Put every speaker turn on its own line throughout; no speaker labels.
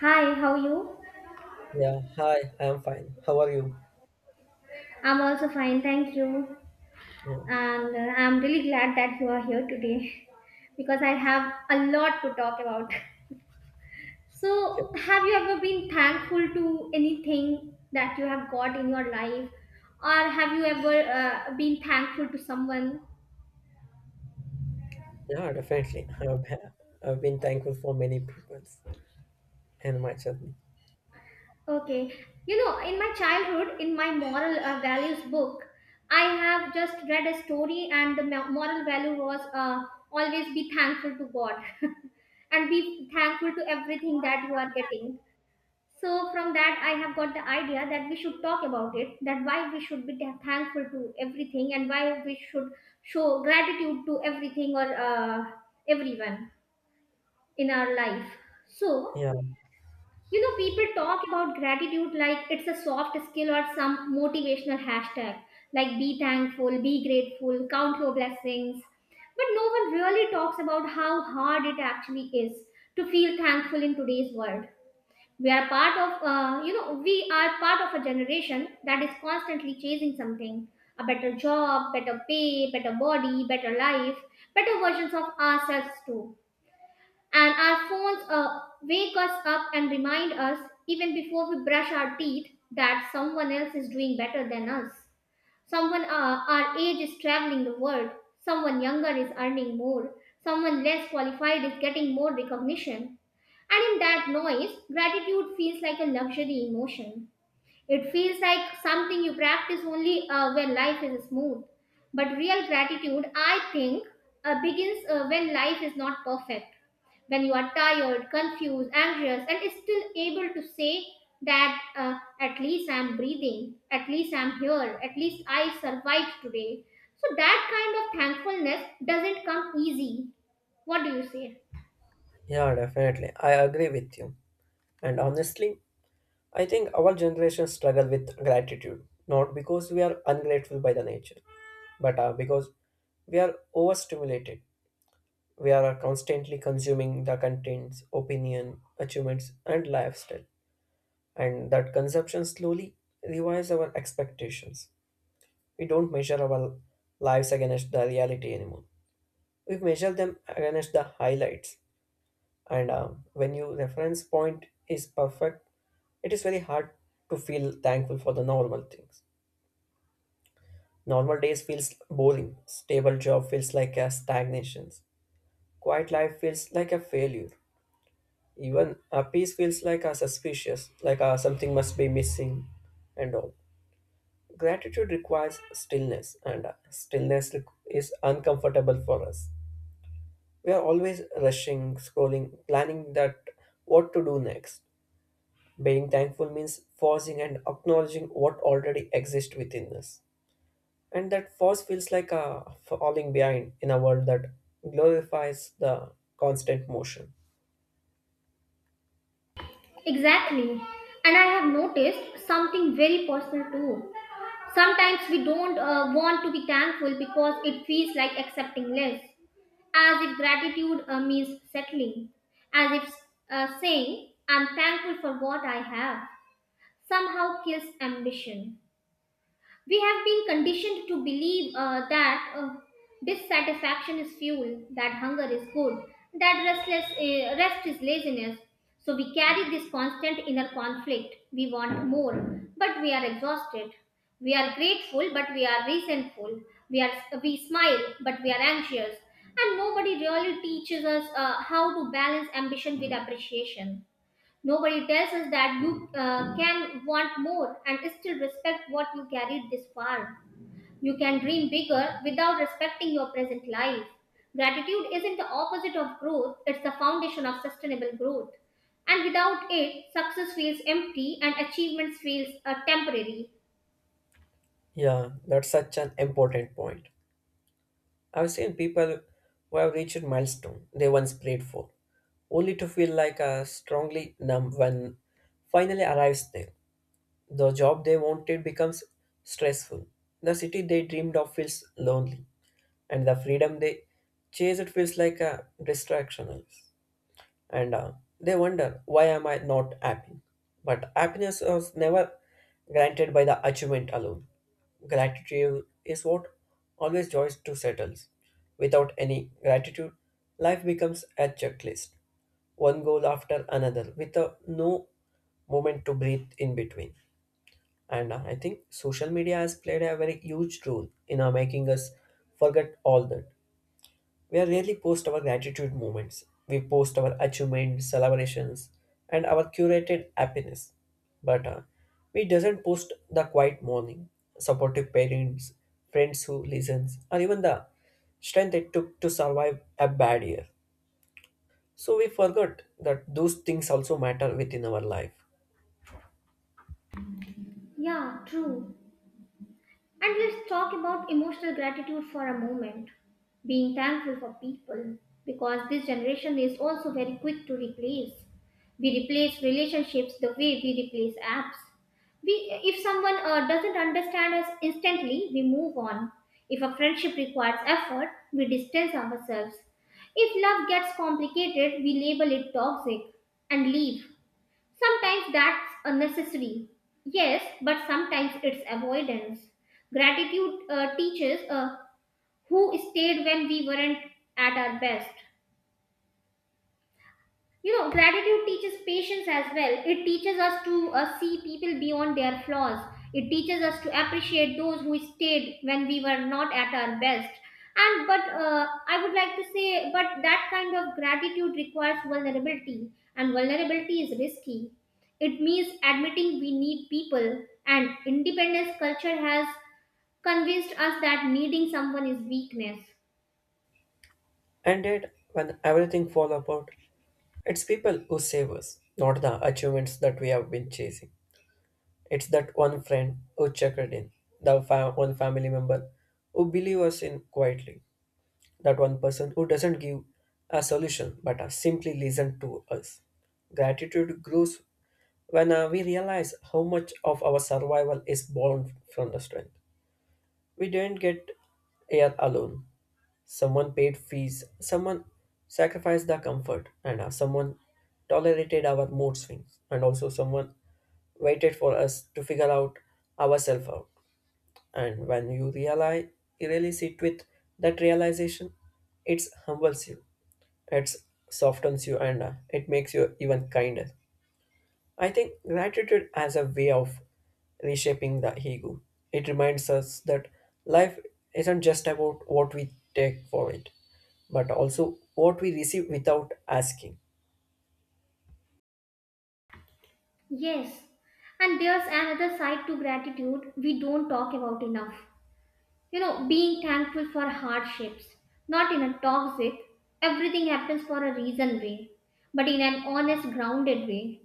Hi, how are you?
Yeah, hi, I'm fine. How are you?
I'm also fine, thank you.
Yeah,
And I'm really glad that you are here today because I have a lot to talk about. So,
okay.
have you ever been thankful to anything that you have got in your life? Or have you ever been thankful to someone?
Yeah, definitely. I've been thankful for many people and my journey.
Okay. You know, in my childhood, in my moral values book, I have just read a story, and the moral value was always be thankful to God and be thankful to everything that you are getting. So, from that, I have got the idea that we should talk about it that why we should be thankful to everything and why we should show gratitude to everything or everyone in our life. So,
Yeah,
you know, people talk about gratitude like it's a soft skill or some motivational hashtag, like be thankful, be grateful, count your blessings. But no one really talks about how hard it actually is to feel thankful in today's world. We are part of, you know, we are part of a generation that is constantly chasing something, a better job, better pay, better body, better life, better versions of ourselves too. And our phones wake us up and remind us, even before we brush our teeth, that someone else is doing better than us. Someone our age is traveling the world, someone younger is earning more, someone less qualified is getting more recognition. And in that noise, gratitude feels like a luxury emotion. It feels like something you practice only when life is smooth. But real gratitude, I think, begins when life is not perfect, when you are tired, confused, anxious, and still able to say that at least I'm breathing, at least I'm here, at least I survived today. So that kind of thankfulness doesn't come easy. What do you say?
yeah, definitely. I agree with you. And honestly, I think our generation struggle with gratitude, not because we are ungrateful by the nature, but because we are overstimulated. We are constantly consuming the contents, opinion, achievements, and lifestyle. And that consumption slowly revives our expectations. We don't measure our lives against the reality anymore. We measure them against the highlights. And when your reference point is perfect, it is very hard to feel thankful for the normal things. Normal days feels boring. Stable job feels like a stagnation. Quiet life feels like a failure. Even a peace feels like a suspicious, like a something must be missing, and all. Gratitude requires stillness, and is uncomfortable for us. We are always rushing, scrolling, planning that what to do next. Being thankful means pausing and acknowledging what already exists within us. And that pause feels like a falling behind in a world that glorifies the constant motion.
Exactly. And I have noticed something very personal too. Sometimes we don't want to be thankful because it feels like accepting less, as if gratitude means settling, as if saying, I'm thankful for what I have, somehow kills ambition. We have been conditioned to believe that dissatisfaction is fuel, that hunger is good, that restless rest is laziness. So we carry this constant inner conflict. We want more, but we are exhausted. We are grateful, but we are resentful. We are we smile, but we are anxious. And nobody really teaches us how to balance ambition with appreciation. Nobody tells us that you can want more and still respect what you carried this far. You can dream bigger without respecting your present life. Gratitude isn't the opposite of growth, it's the foundation of sustainable growth. And without it, success feels empty and achievements feels temporary.
Yeah, that's such an important point. I've seen people who have reached milestone they once prayed for, only to feel like a strongly numb when finally arrives there. The job they wanted becomes stressful. The city they dreamed of feels lonely, and the freedom they chase it feels like a distraction. And they wonder, why am I not happy? But happiness was never granted by the achievement alone. Gratitude is what always joys to settles. Without any gratitude, life becomes a checklist, one goal after another, with a no moment to breathe in between. And I think social media has played a very huge role in making us forget all that. We are rarely post our gratitude moments. We post our achievements, celebrations, and our curated happiness. But we doesn't post the quiet morning, supportive parents, friends who listens, or even the strength it took to survive a bad year. So we forgot that those things also matter within our life.
Yeah, true. And let's talk about emotional gratitude for a moment. Being thankful for people, because this generation is also very quick to replace. We replace relationships the way we replace apps. We, if someone doesn't understand us instantly, we move on. If a friendship requires effort, we distance ourselves. If love gets complicated, we label it toxic and leave. Sometimes that's a necessary, yes, but sometimes it's avoidance. Gratitude teaches who stayed when we weren't at our best. You know, gratitude teaches patience as well. It teaches us to see people beyond their flaws. It teaches us to appreciate those who stayed when we were not at our best. And but uh, I would like to say but that kind of gratitude requires vulnerability, and vulnerability is risky. It means admitting we need people, and independence culture has convinced us that needing someone is weakness.
And yet, when everything falls apart, it's people who save us, not the achievements that we have been chasing. It's that one friend who checked in, one family member who believe us in quietly, that one person who doesn't give a solution but simply listen to us. Gratitude grows when we realize how much of our survival is born from the strength we didn't get here alone. Someone paid fees, someone sacrificed the comfort, and someone tolerated our mood swings, and also someone waited for us to figure out ourselves out. And when you realize, you really sit with that realization, it humbles you, it softens you, and it makes you even kinder. I think gratitude as a way of reshaping the ego. It reminds us that life isn't just about what we take for it, but also what we receive without asking.
Yes, and there's another side to gratitude we don't talk about enough. You know, being thankful for hardships, not in a toxic, everything happens for a reason way, but in an honest, grounded way.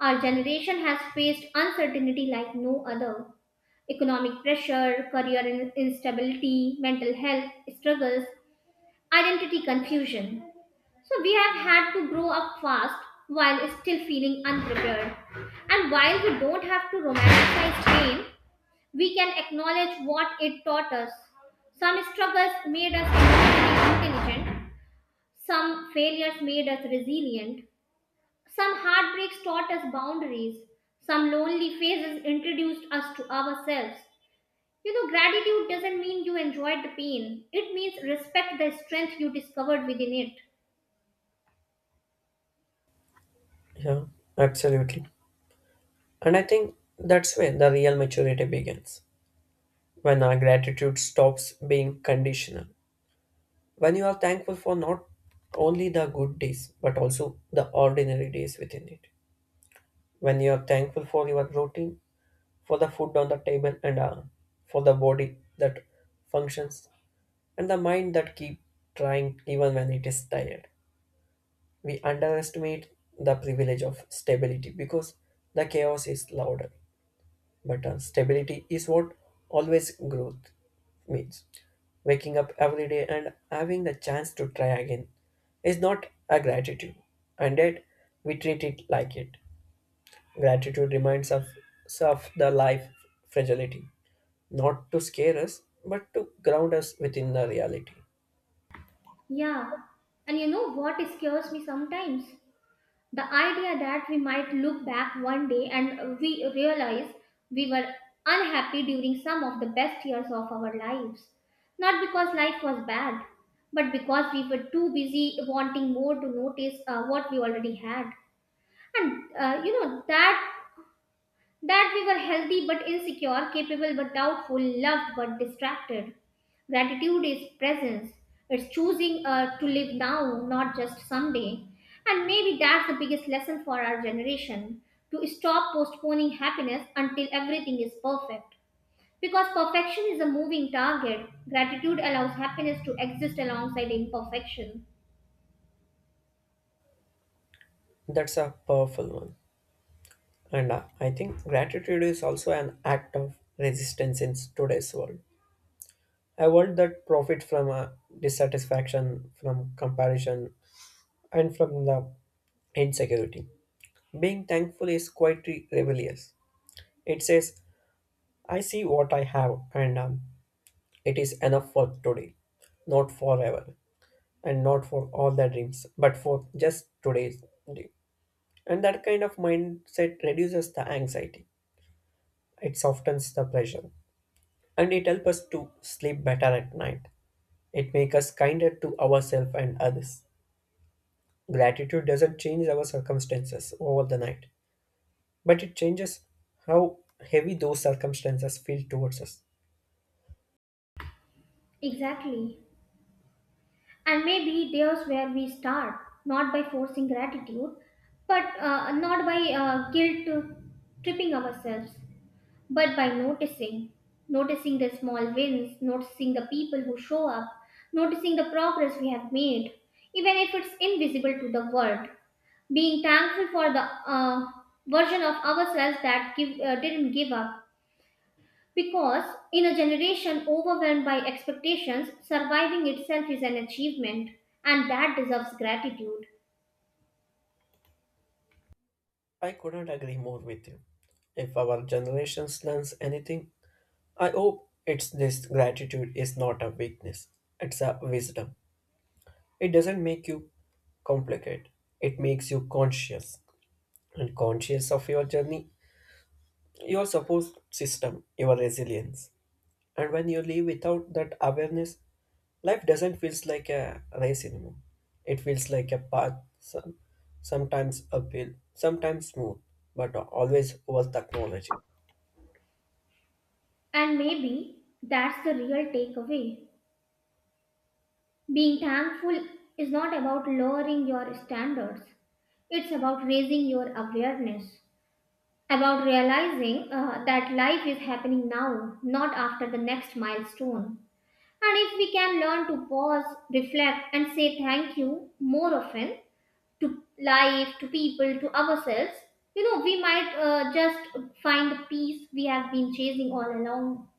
Our generation has faced uncertainty like no other, economic pressure, career instability, mental health struggles, identity confusion. So we have had to grow up fast while still feeling unprepared. And while we don't have to romanticize pain, we can acknowledge what it taught us. Some struggles made us emotionally intelligent, some failures made us resilient, some heartbreaks taught us boundaries, some lonely phases introduced us to ourselves. You know, gratitude doesn't mean you enjoyed the pain. It means respect the strength you discovered within it.
Yeah, absolutely. And I think that's where the real maturity begins when our gratitude stops being conditional. When you are thankful for not only the good days, but also the ordinary days within it. When you are thankful for your routine, for the food on the table and for the body that functions and the mind that keep trying even when it is tired. We underestimate the privilege of stability because the chaos is louder, but stability is what always growth means. Waking up every day and having the chance to try again is not a gratitude, and yet we treat it like it. Gratitude reminds us of the life fragility, not to scare us, but to ground us within the reality.
Yeah, and you know what scares me sometimes? The idea that we might look back one day and we realize we were unhappy during some of the best years of our lives. Not because life was bad, but because we were too busy wanting more to notice what we already had. And you know, that we were healthy but insecure, capable but doubtful, loved but distracted. Gratitude is presence. It's choosing to live now, not just someday. And maybe that's the biggest lesson for our generation, to stop postponing happiness until everything is perfect. Because perfection is a moving target, gratitude allows happiness to exist alongside imperfection.
That's a powerful one. And I think gratitude is also an act of resistance in today's world. A world that profits from dissatisfaction, from comparison, and from the insecurity. Being thankful is quite rebellious. It says, I see what I have, and it is enough for today, not forever, and not for all the dreams, but for just today's day. And that kind of mindset reduces the anxiety, it softens the pressure, and it helps us to sleep better at night. It makes us kinder to ourselves and others. Gratitude doesn't change our circumstances over the night, but it changes how heavy those circumstances feel towards us.
Exactly. And maybe there's where we start, not by forcing gratitude, but not by guilt to tripping ourselves, but by noticing. Noticing the small wins, noticing the people who show up, noticing the progress we have made, even if it's invisible to the world. Being thankful for the version of ourselves that didn't give up because in a generation overwhelmed by expectations, surviving itself is an achievement, and that deserves gratitude.
I could not agree more with you. If our generation learns anything, I hope it's this gratitude is not a weakness, it's a wisdom. It doesn't make you complicated. It makes you conscious and conscious of your journey, your support system, your resilience. And when you live without that awareness, life doesn't feel like a race anymore. It feels like a path, sometimes uphill, sometimes smooth, but always worth acknowledging.
And maybe that's the real takeaway. Being thankful is not about lowering your standards, it's about raising your awareness, about realizing that life is happening now, not after the next milestone. And if we can learn to pause, reflect, and say thank you more often, to life, to people, to ourselves, you know, we might just find the peace we have been chasing all along.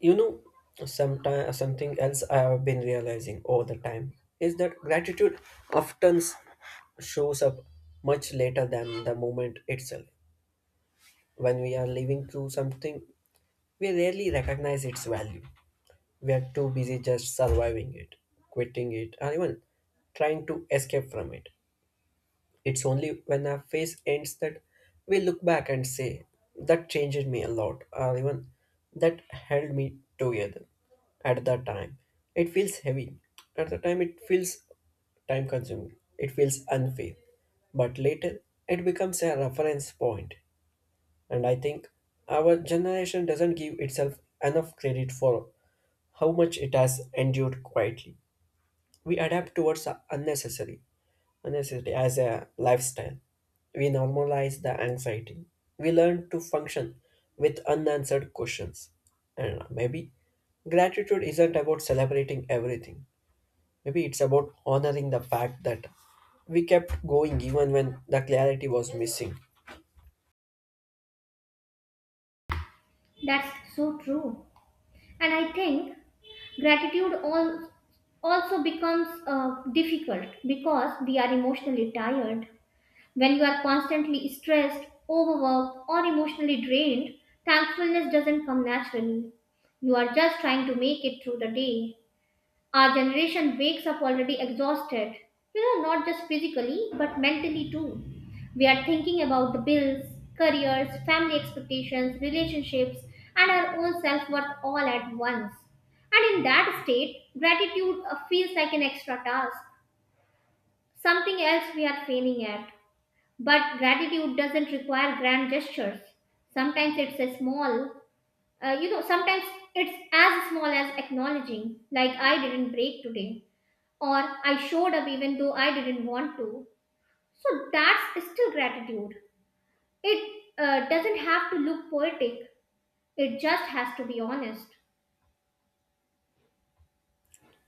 You know, sometime, something else I have been realizing over the time is that gratitude often shows up much later than the moment itself. When we are living through something, we rarely recognize its value. We are too busy just surviving it, quitting it, or even trying to escape from it. It's only when a phase ends that we look back and say, that changed me a lot, or even that held me together at that time. It feels heavy. At the time, it feels time consuming. It feels unfair. But later, it becomes a reference point. And I think our generation doesn't give itself enough credit for how much it has endured quietly. We adapt towards the unnecessary necessity as a lifestyle. We normalize the anxiety. We learn to function with unanswered questions. And maybe gratitude isn't about celebrating everything. Maybe it's about honoring the fact that we kept going even when the clarity was missing.
That's so true. And I think gratitude all, also becomes difficult because we are emotionally tired. When you are constantly stressed, overworked, or emotionally drained, thankfulness doesn't come naturally. You are just trying to make it through the day. Our generation wakes up already exhausted, you know, not just physically, but mentally too. We are thinking about the bills, careers, family expectations, relationships, and our own self worth all at once. And in that state, gratitude feels like an extra task, something else we are failing at. But gratitude doesn't require grand gestures. Sometimes it's a small, You know, sometimes it's as small as acknowledging, like I didn't break today, or I showed up even though I didn't want to. So that's still gratitude. It doesn't have to look poetic, it just has to be honest.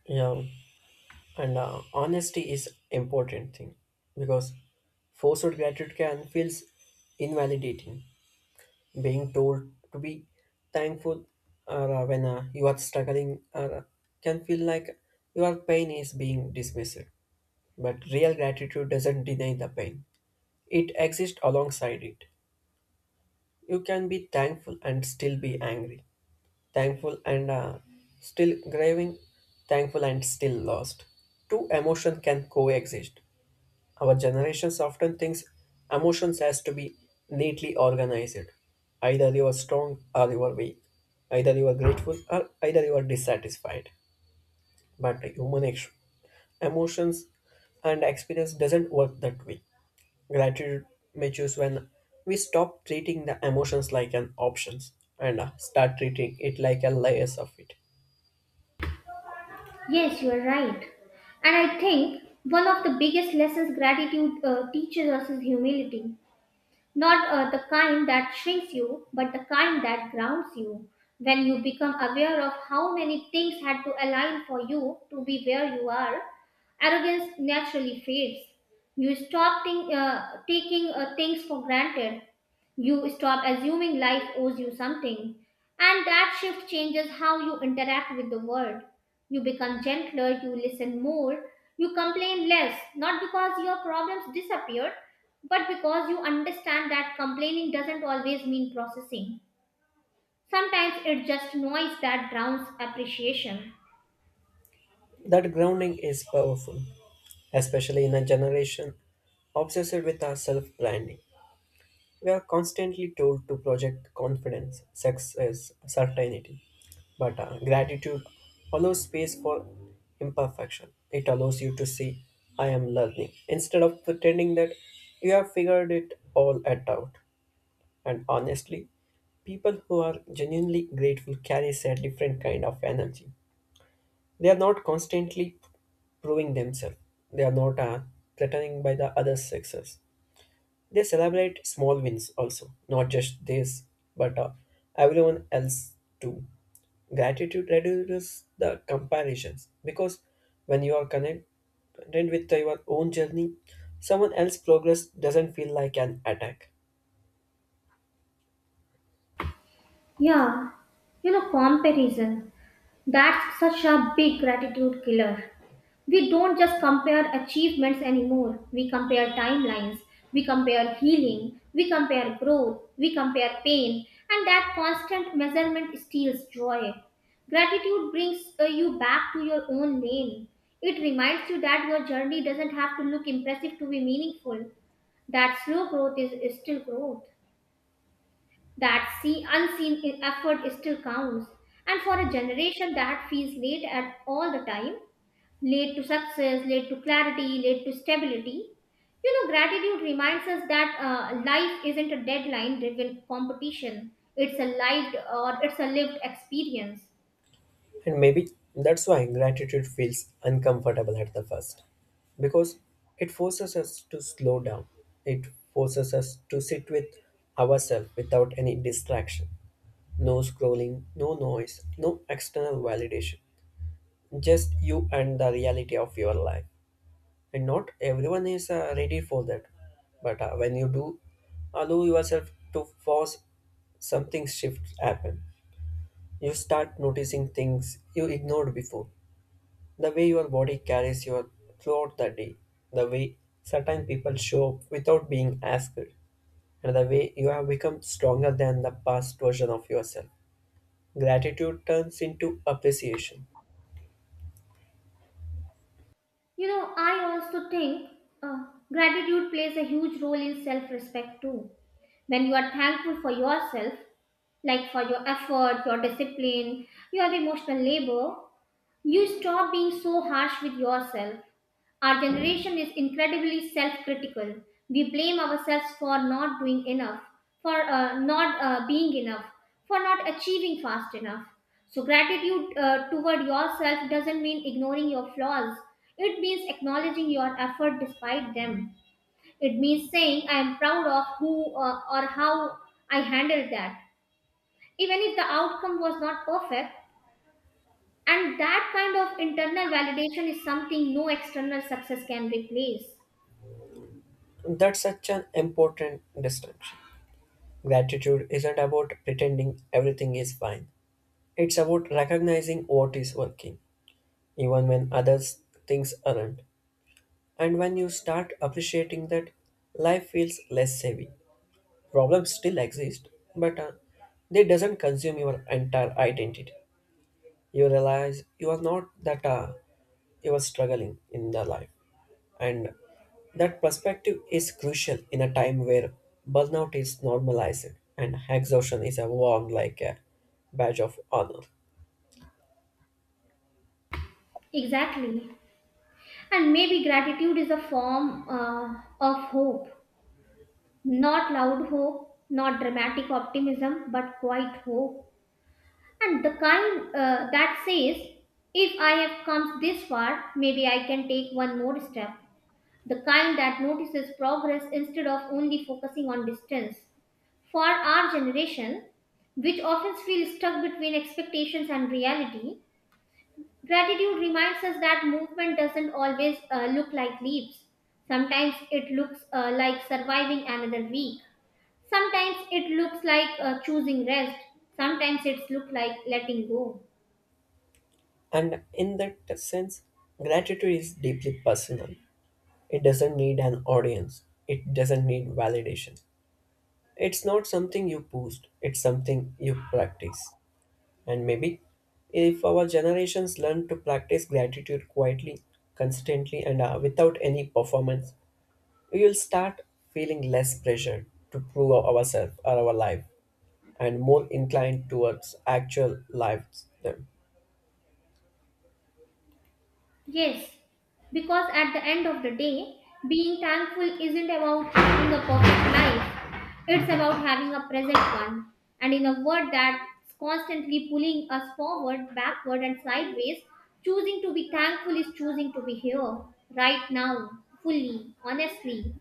Yeah, and honesty is important thing because forced gratitude can feels invalidating. Being told to be thankful or when you are struggling or can feel like your pain is being dismissed. But real gratitude doesn't deny the pain, it exists alongside it. You can be thankful and still be angry, thankful and still grieving, thankful and still lost. Two emotions can coexist. Our generations often thinks emotions has to be neatly organized. Either you are strong or you are weak. Either you are grateful or either you are dissatisfied. But human emotions and experience doesn't work that way. Gratitude matures when we stop treating the emotions like an options and start treating it like a layers of it.
Yes, you are right. And I think one of the biggest lessons gratitude teaches us is humility. Not the kind that shrinks you, but the kind that grounds you. When you become aware of how many things had to align for you to be where you are, arrogance naturally fades. Taking things for granted. You stop assuming life owes you something, and that shift changes how you interact with the world. You become gentler, you listen more, you complain less, not because your problems disappear, but because you understand that complaining doesn't always mean processing. Sometimes it's just noise that drowns appreciation.
That grounding is powerful, especially in a generation obsessed with our self-branding. We are constantly told to project confidence, success, certainty. But gratitude allows space for imperfection. It allows you to see, I am learning, instead of pretending that you have figured it all at out. And honestly, people who are genuinely grateful carry a different kind of energy. They are not constantly proving themselves. They are not threatening by the other's success. They celebrate small wins also, not just this, but everyone else too. Gratitude reduces the comparisons because when you are content with your own journey, someone else's progress doesn't feel like an attack.
Yeah, you know, comparison. That's such a big gratitude killer. We don't just compare achievements anymore. We compare timelines, we compare healing, we compare growth, we compare pain, and that constant measurement steals joy. Gratitude brings you back to your own lane. It reminds you that your journey doesn't have to look impressive to be meaningful, that slow growth is still growth, that unseen effort still counts. And for a generation that feels late at all the time, lead to success, lead to clarity, lead to stability. You know, gratitude reminds us that life isn't a deadline driven competition, it's a lived experience.
And maybe that's why gratitude feels uncomfortable at the first because it forces us to slow down, it forces us to sit with ourselves without any distraction. No scrolling, no noise, no external validation. Just you and the reality of your life. And not everyone is ready for that. But when you do, allow yourself to force something shift happen. You start noticing things you ignored before. The way your body carries you throughout the day. The way certain people show up without being asked. And the way you have become stronger than the past version of yourself. Gratitude turns into appreciation.
You know, I also think uh, gratitude plays a huge role in self respect too. When you are thankful for yourself, like for your effort, your discipline, your emotional labor, you stop being so harsh with yourself. Our generation is incredibly self critical. We blame ourselves for not doing enough, for not being enough, for not achieving fast enough. So, gratitude toward yourself doesn't mean ignoring your flaws, it means acknowledging your effort despite them. It means saying, I am proud of who or how I handled that. Even if the outcome was not perfect, and that kind of internal validation is something no external success can replace.
That's such an important distinction. Gratitude isn't about pretending everything is fine. It's about recognizing what is working, even when others things aren't. And when you start appreciating that, life feels less heavy. Problems still exist, but they doesn't consume your entire identity. You realize you are not that you are struggling in the life, and that perspective is crucial in a time where burnout is normalized and exhaustion is worn like a badge of honor.
Exactly. And maybe gratitude is a form of hope. Not loud hope, not dramatic optimism, but quiet hope. And the kind that says, if I have come this far, maybe I can take one more step. The kind that notices progress instead of only focusing on distance. For our generation, which often feels stuck between expectations and reality, gratitude reminds us that movement doesn't always look like leaps. Sometimes it looks like surviving another week. Sometimes it looks like choosing rest. Sometimes it's look like letting go.
And in that sense, gratitude is deeply personal. It doesn't need an audience, it doesn't need validation. It's not something you post, it's something you practice. And maybe if our generations learn to practice gratitude quietly, consistently, and without any performance, we will start feeling less pressure to prove ourselves or our life and more inclined towards actual lives them.
Yes, because at the end of the day, being thankful isn't about having a perfect life, it's about having a present one. And in a world that's constantly pulling us forward, backward, and sideways, choosing to be thankful is choosing to be here, right now, fully, honestly.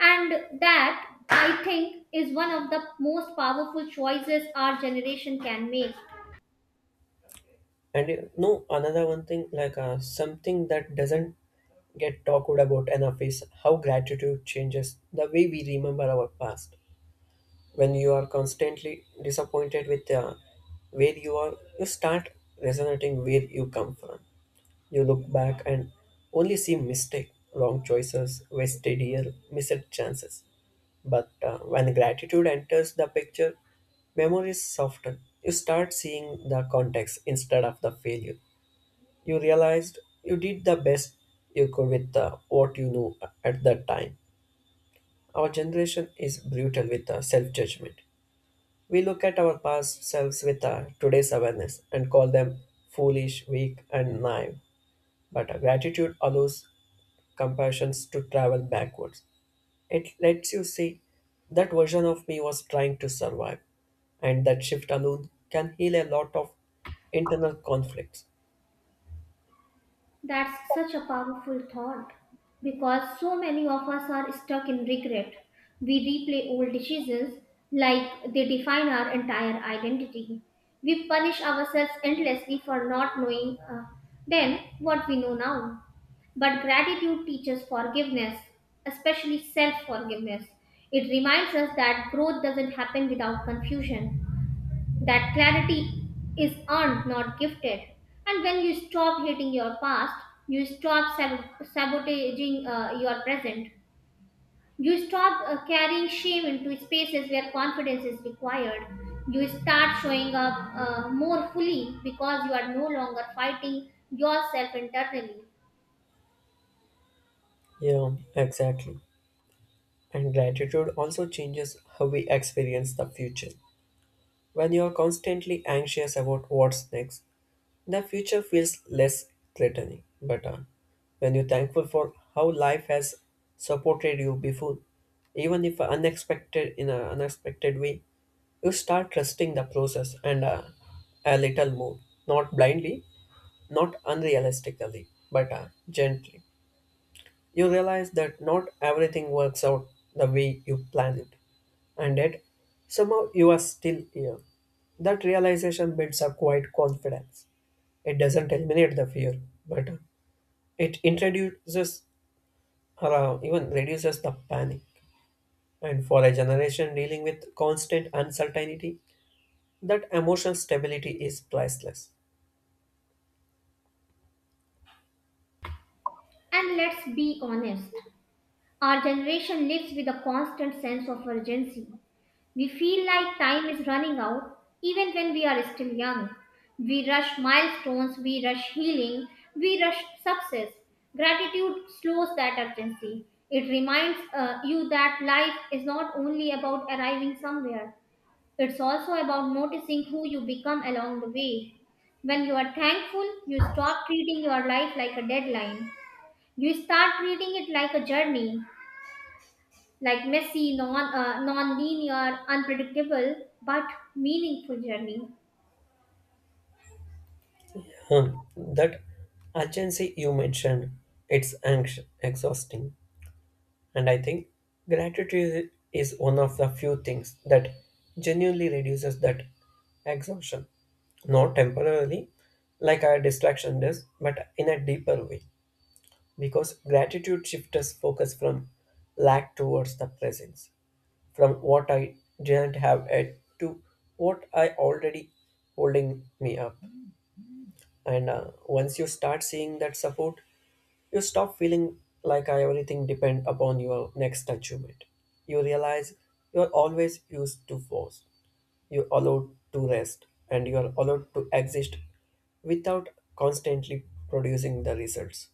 And that, I think, is one of the most powerful choices our generation can make.
And you know another one thing like something that doesn't get talked about enough is how gratitude changes the way we remember our past. When you are constantly disappointed with where you are, you start resonating where you come from. You look back and only see mistake, wrong choices, wasted year, missed chances. But when gratitude enters the picture, memories soften. You start seeing the context instead of the failure. You realized you did the best you could with what you knew at that time. Our generation is brutal with self judgment. We look at our past selves with today's awareness and call them foolish, weak, and naive. But gratitude allows compassions to travel backwards. It lets you see that version of me was trying to survive, and that shift alone can heal a lot of internal conflicts.
That's such a powerful thought because so many of us are stuck in regret. We replay old decisions like they define our entire identity. We punish ourselves endlessly for not knowing then what we know now. But gratitude teaches forgiveness, especially self forgiveness. It reminds us that growth doesn't happen without confusion. That clarity is earned, not gifted. And when you stop hating your past, you stop sabotaging your present. You stop carrying shame into spaces where confidence is required. You start showing up more fully because you are no longer fighting yourself internally.
Yeah, exactly. And gratitude also changes how we experience the future. When you are constantly anxious about what's next, the future feels less threatening, but when you're thankful for how life has supported you before, even if unexpected in an unexpected way, you start trusting the process and a little more, not blindly, not unrealistically, but gently. You realize that not everything works out the way you plan it, and yet somehow you are still here. That realization builds a quiet confidence. It doesn't eliminate the fear, but it introduces or even reduces the panic. And for a generation dealing with constant uncertainty, that emotional stability is priceless.
And let's be honest. Our generation lives with a constant sense of urgency. We feel like time is running out even when we are still young. We rush milestones, we rush healing, we rush success. Gratitude slows that urgency. It reminds you that life is not only about arriving somewhere, it's also about noticing who you become along the way. When you are thankful, you stop treating your life like a deadline. You start treating it like a journey, like messy, non-linear, unpredictable, but meaningful journey.
Hmm, that urgency you mentioned, it's anxious, exhausting. And I think gratitude is one of the few things that genuinely reduces that exhaustion. Not temporarily, like our distraction does, but in a deeper way. Because gratitude shifts us focus from lack towards the presence, from what I didn't have yet to what I already holding me up. And once you start seeing that support, you stop feeling like I everything depend upon your next achievement. You realize you are always used to force. You are allowed to rest, and you are allowed to exist without constantly producing the results.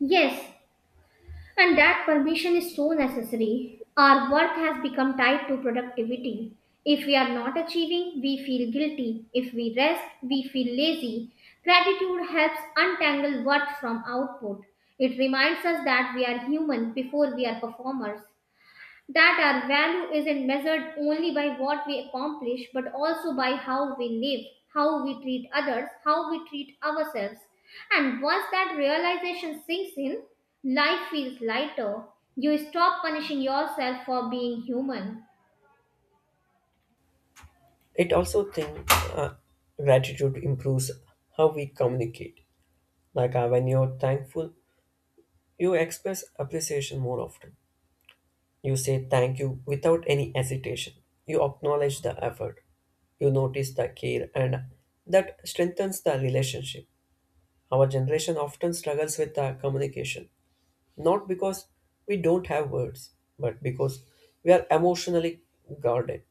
Yes, and that permission is so necessary. Our work has become tied to productivity. If we are not achieving, we feel guilty. If we rest, we feel lazy. Gratitude helps untangle worth from output. It reminds us that we are human before we are performers, that our value isn't measured only by what we accomplish but also by how we live, how we treat others, how we treat ourselves. And once that realization sinks in, life feels lighter. You stop punishing yourself for being human.
It also think uh, gratitude improves how we communicate. Like when you're thankful, you express appreciation more often. You say thank you without any hesitation. You acknowledge the effort. You notice the care, and that strengthens the relationship. Our generation often struggles with the communication, not because we don't have words, but because we are emotionally guarded.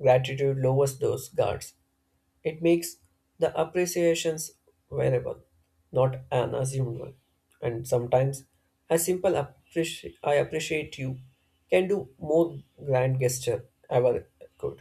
Gratitude lowers those guards. It makes the appreciations variable, not an assumed one. And sometimes a simple I appreciate you can do more grand gesture ever could.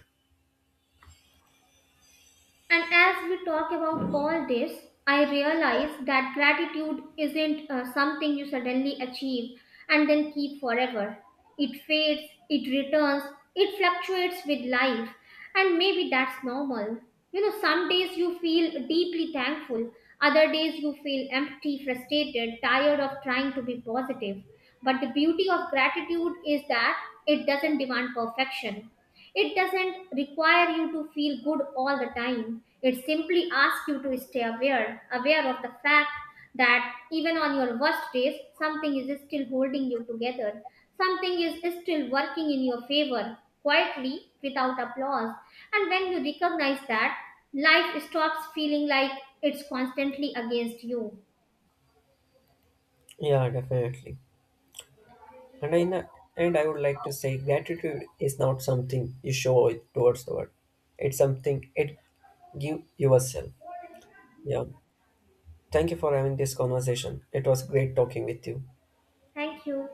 And as we talk about all this, I realize that gratitude isn't something you suddenly achieve and then keep forever. It fades, it returns, it fluctuates with life, and maybe that's normal. You know, some days you feel deeply thankful, other days you feel empty, frustrated, tired of trying to be positive. But the beauty of gratitude is that it doesn't demand perfection. It doesn't require you to feel good all the time. It simply asks you to stay aware, aware of the fact that even on your worst days, something is still holding you together. Something is still working in your favor, quietly, without applause. And when you recognize that, life stops feeling like it's constantly against you.
Yeah, definitely. And I would like to say gratitude is not something you show it towards the world. It's something it give yourself. Yeah. Thank you for having this conversation. It was great talking with you.
Thank you.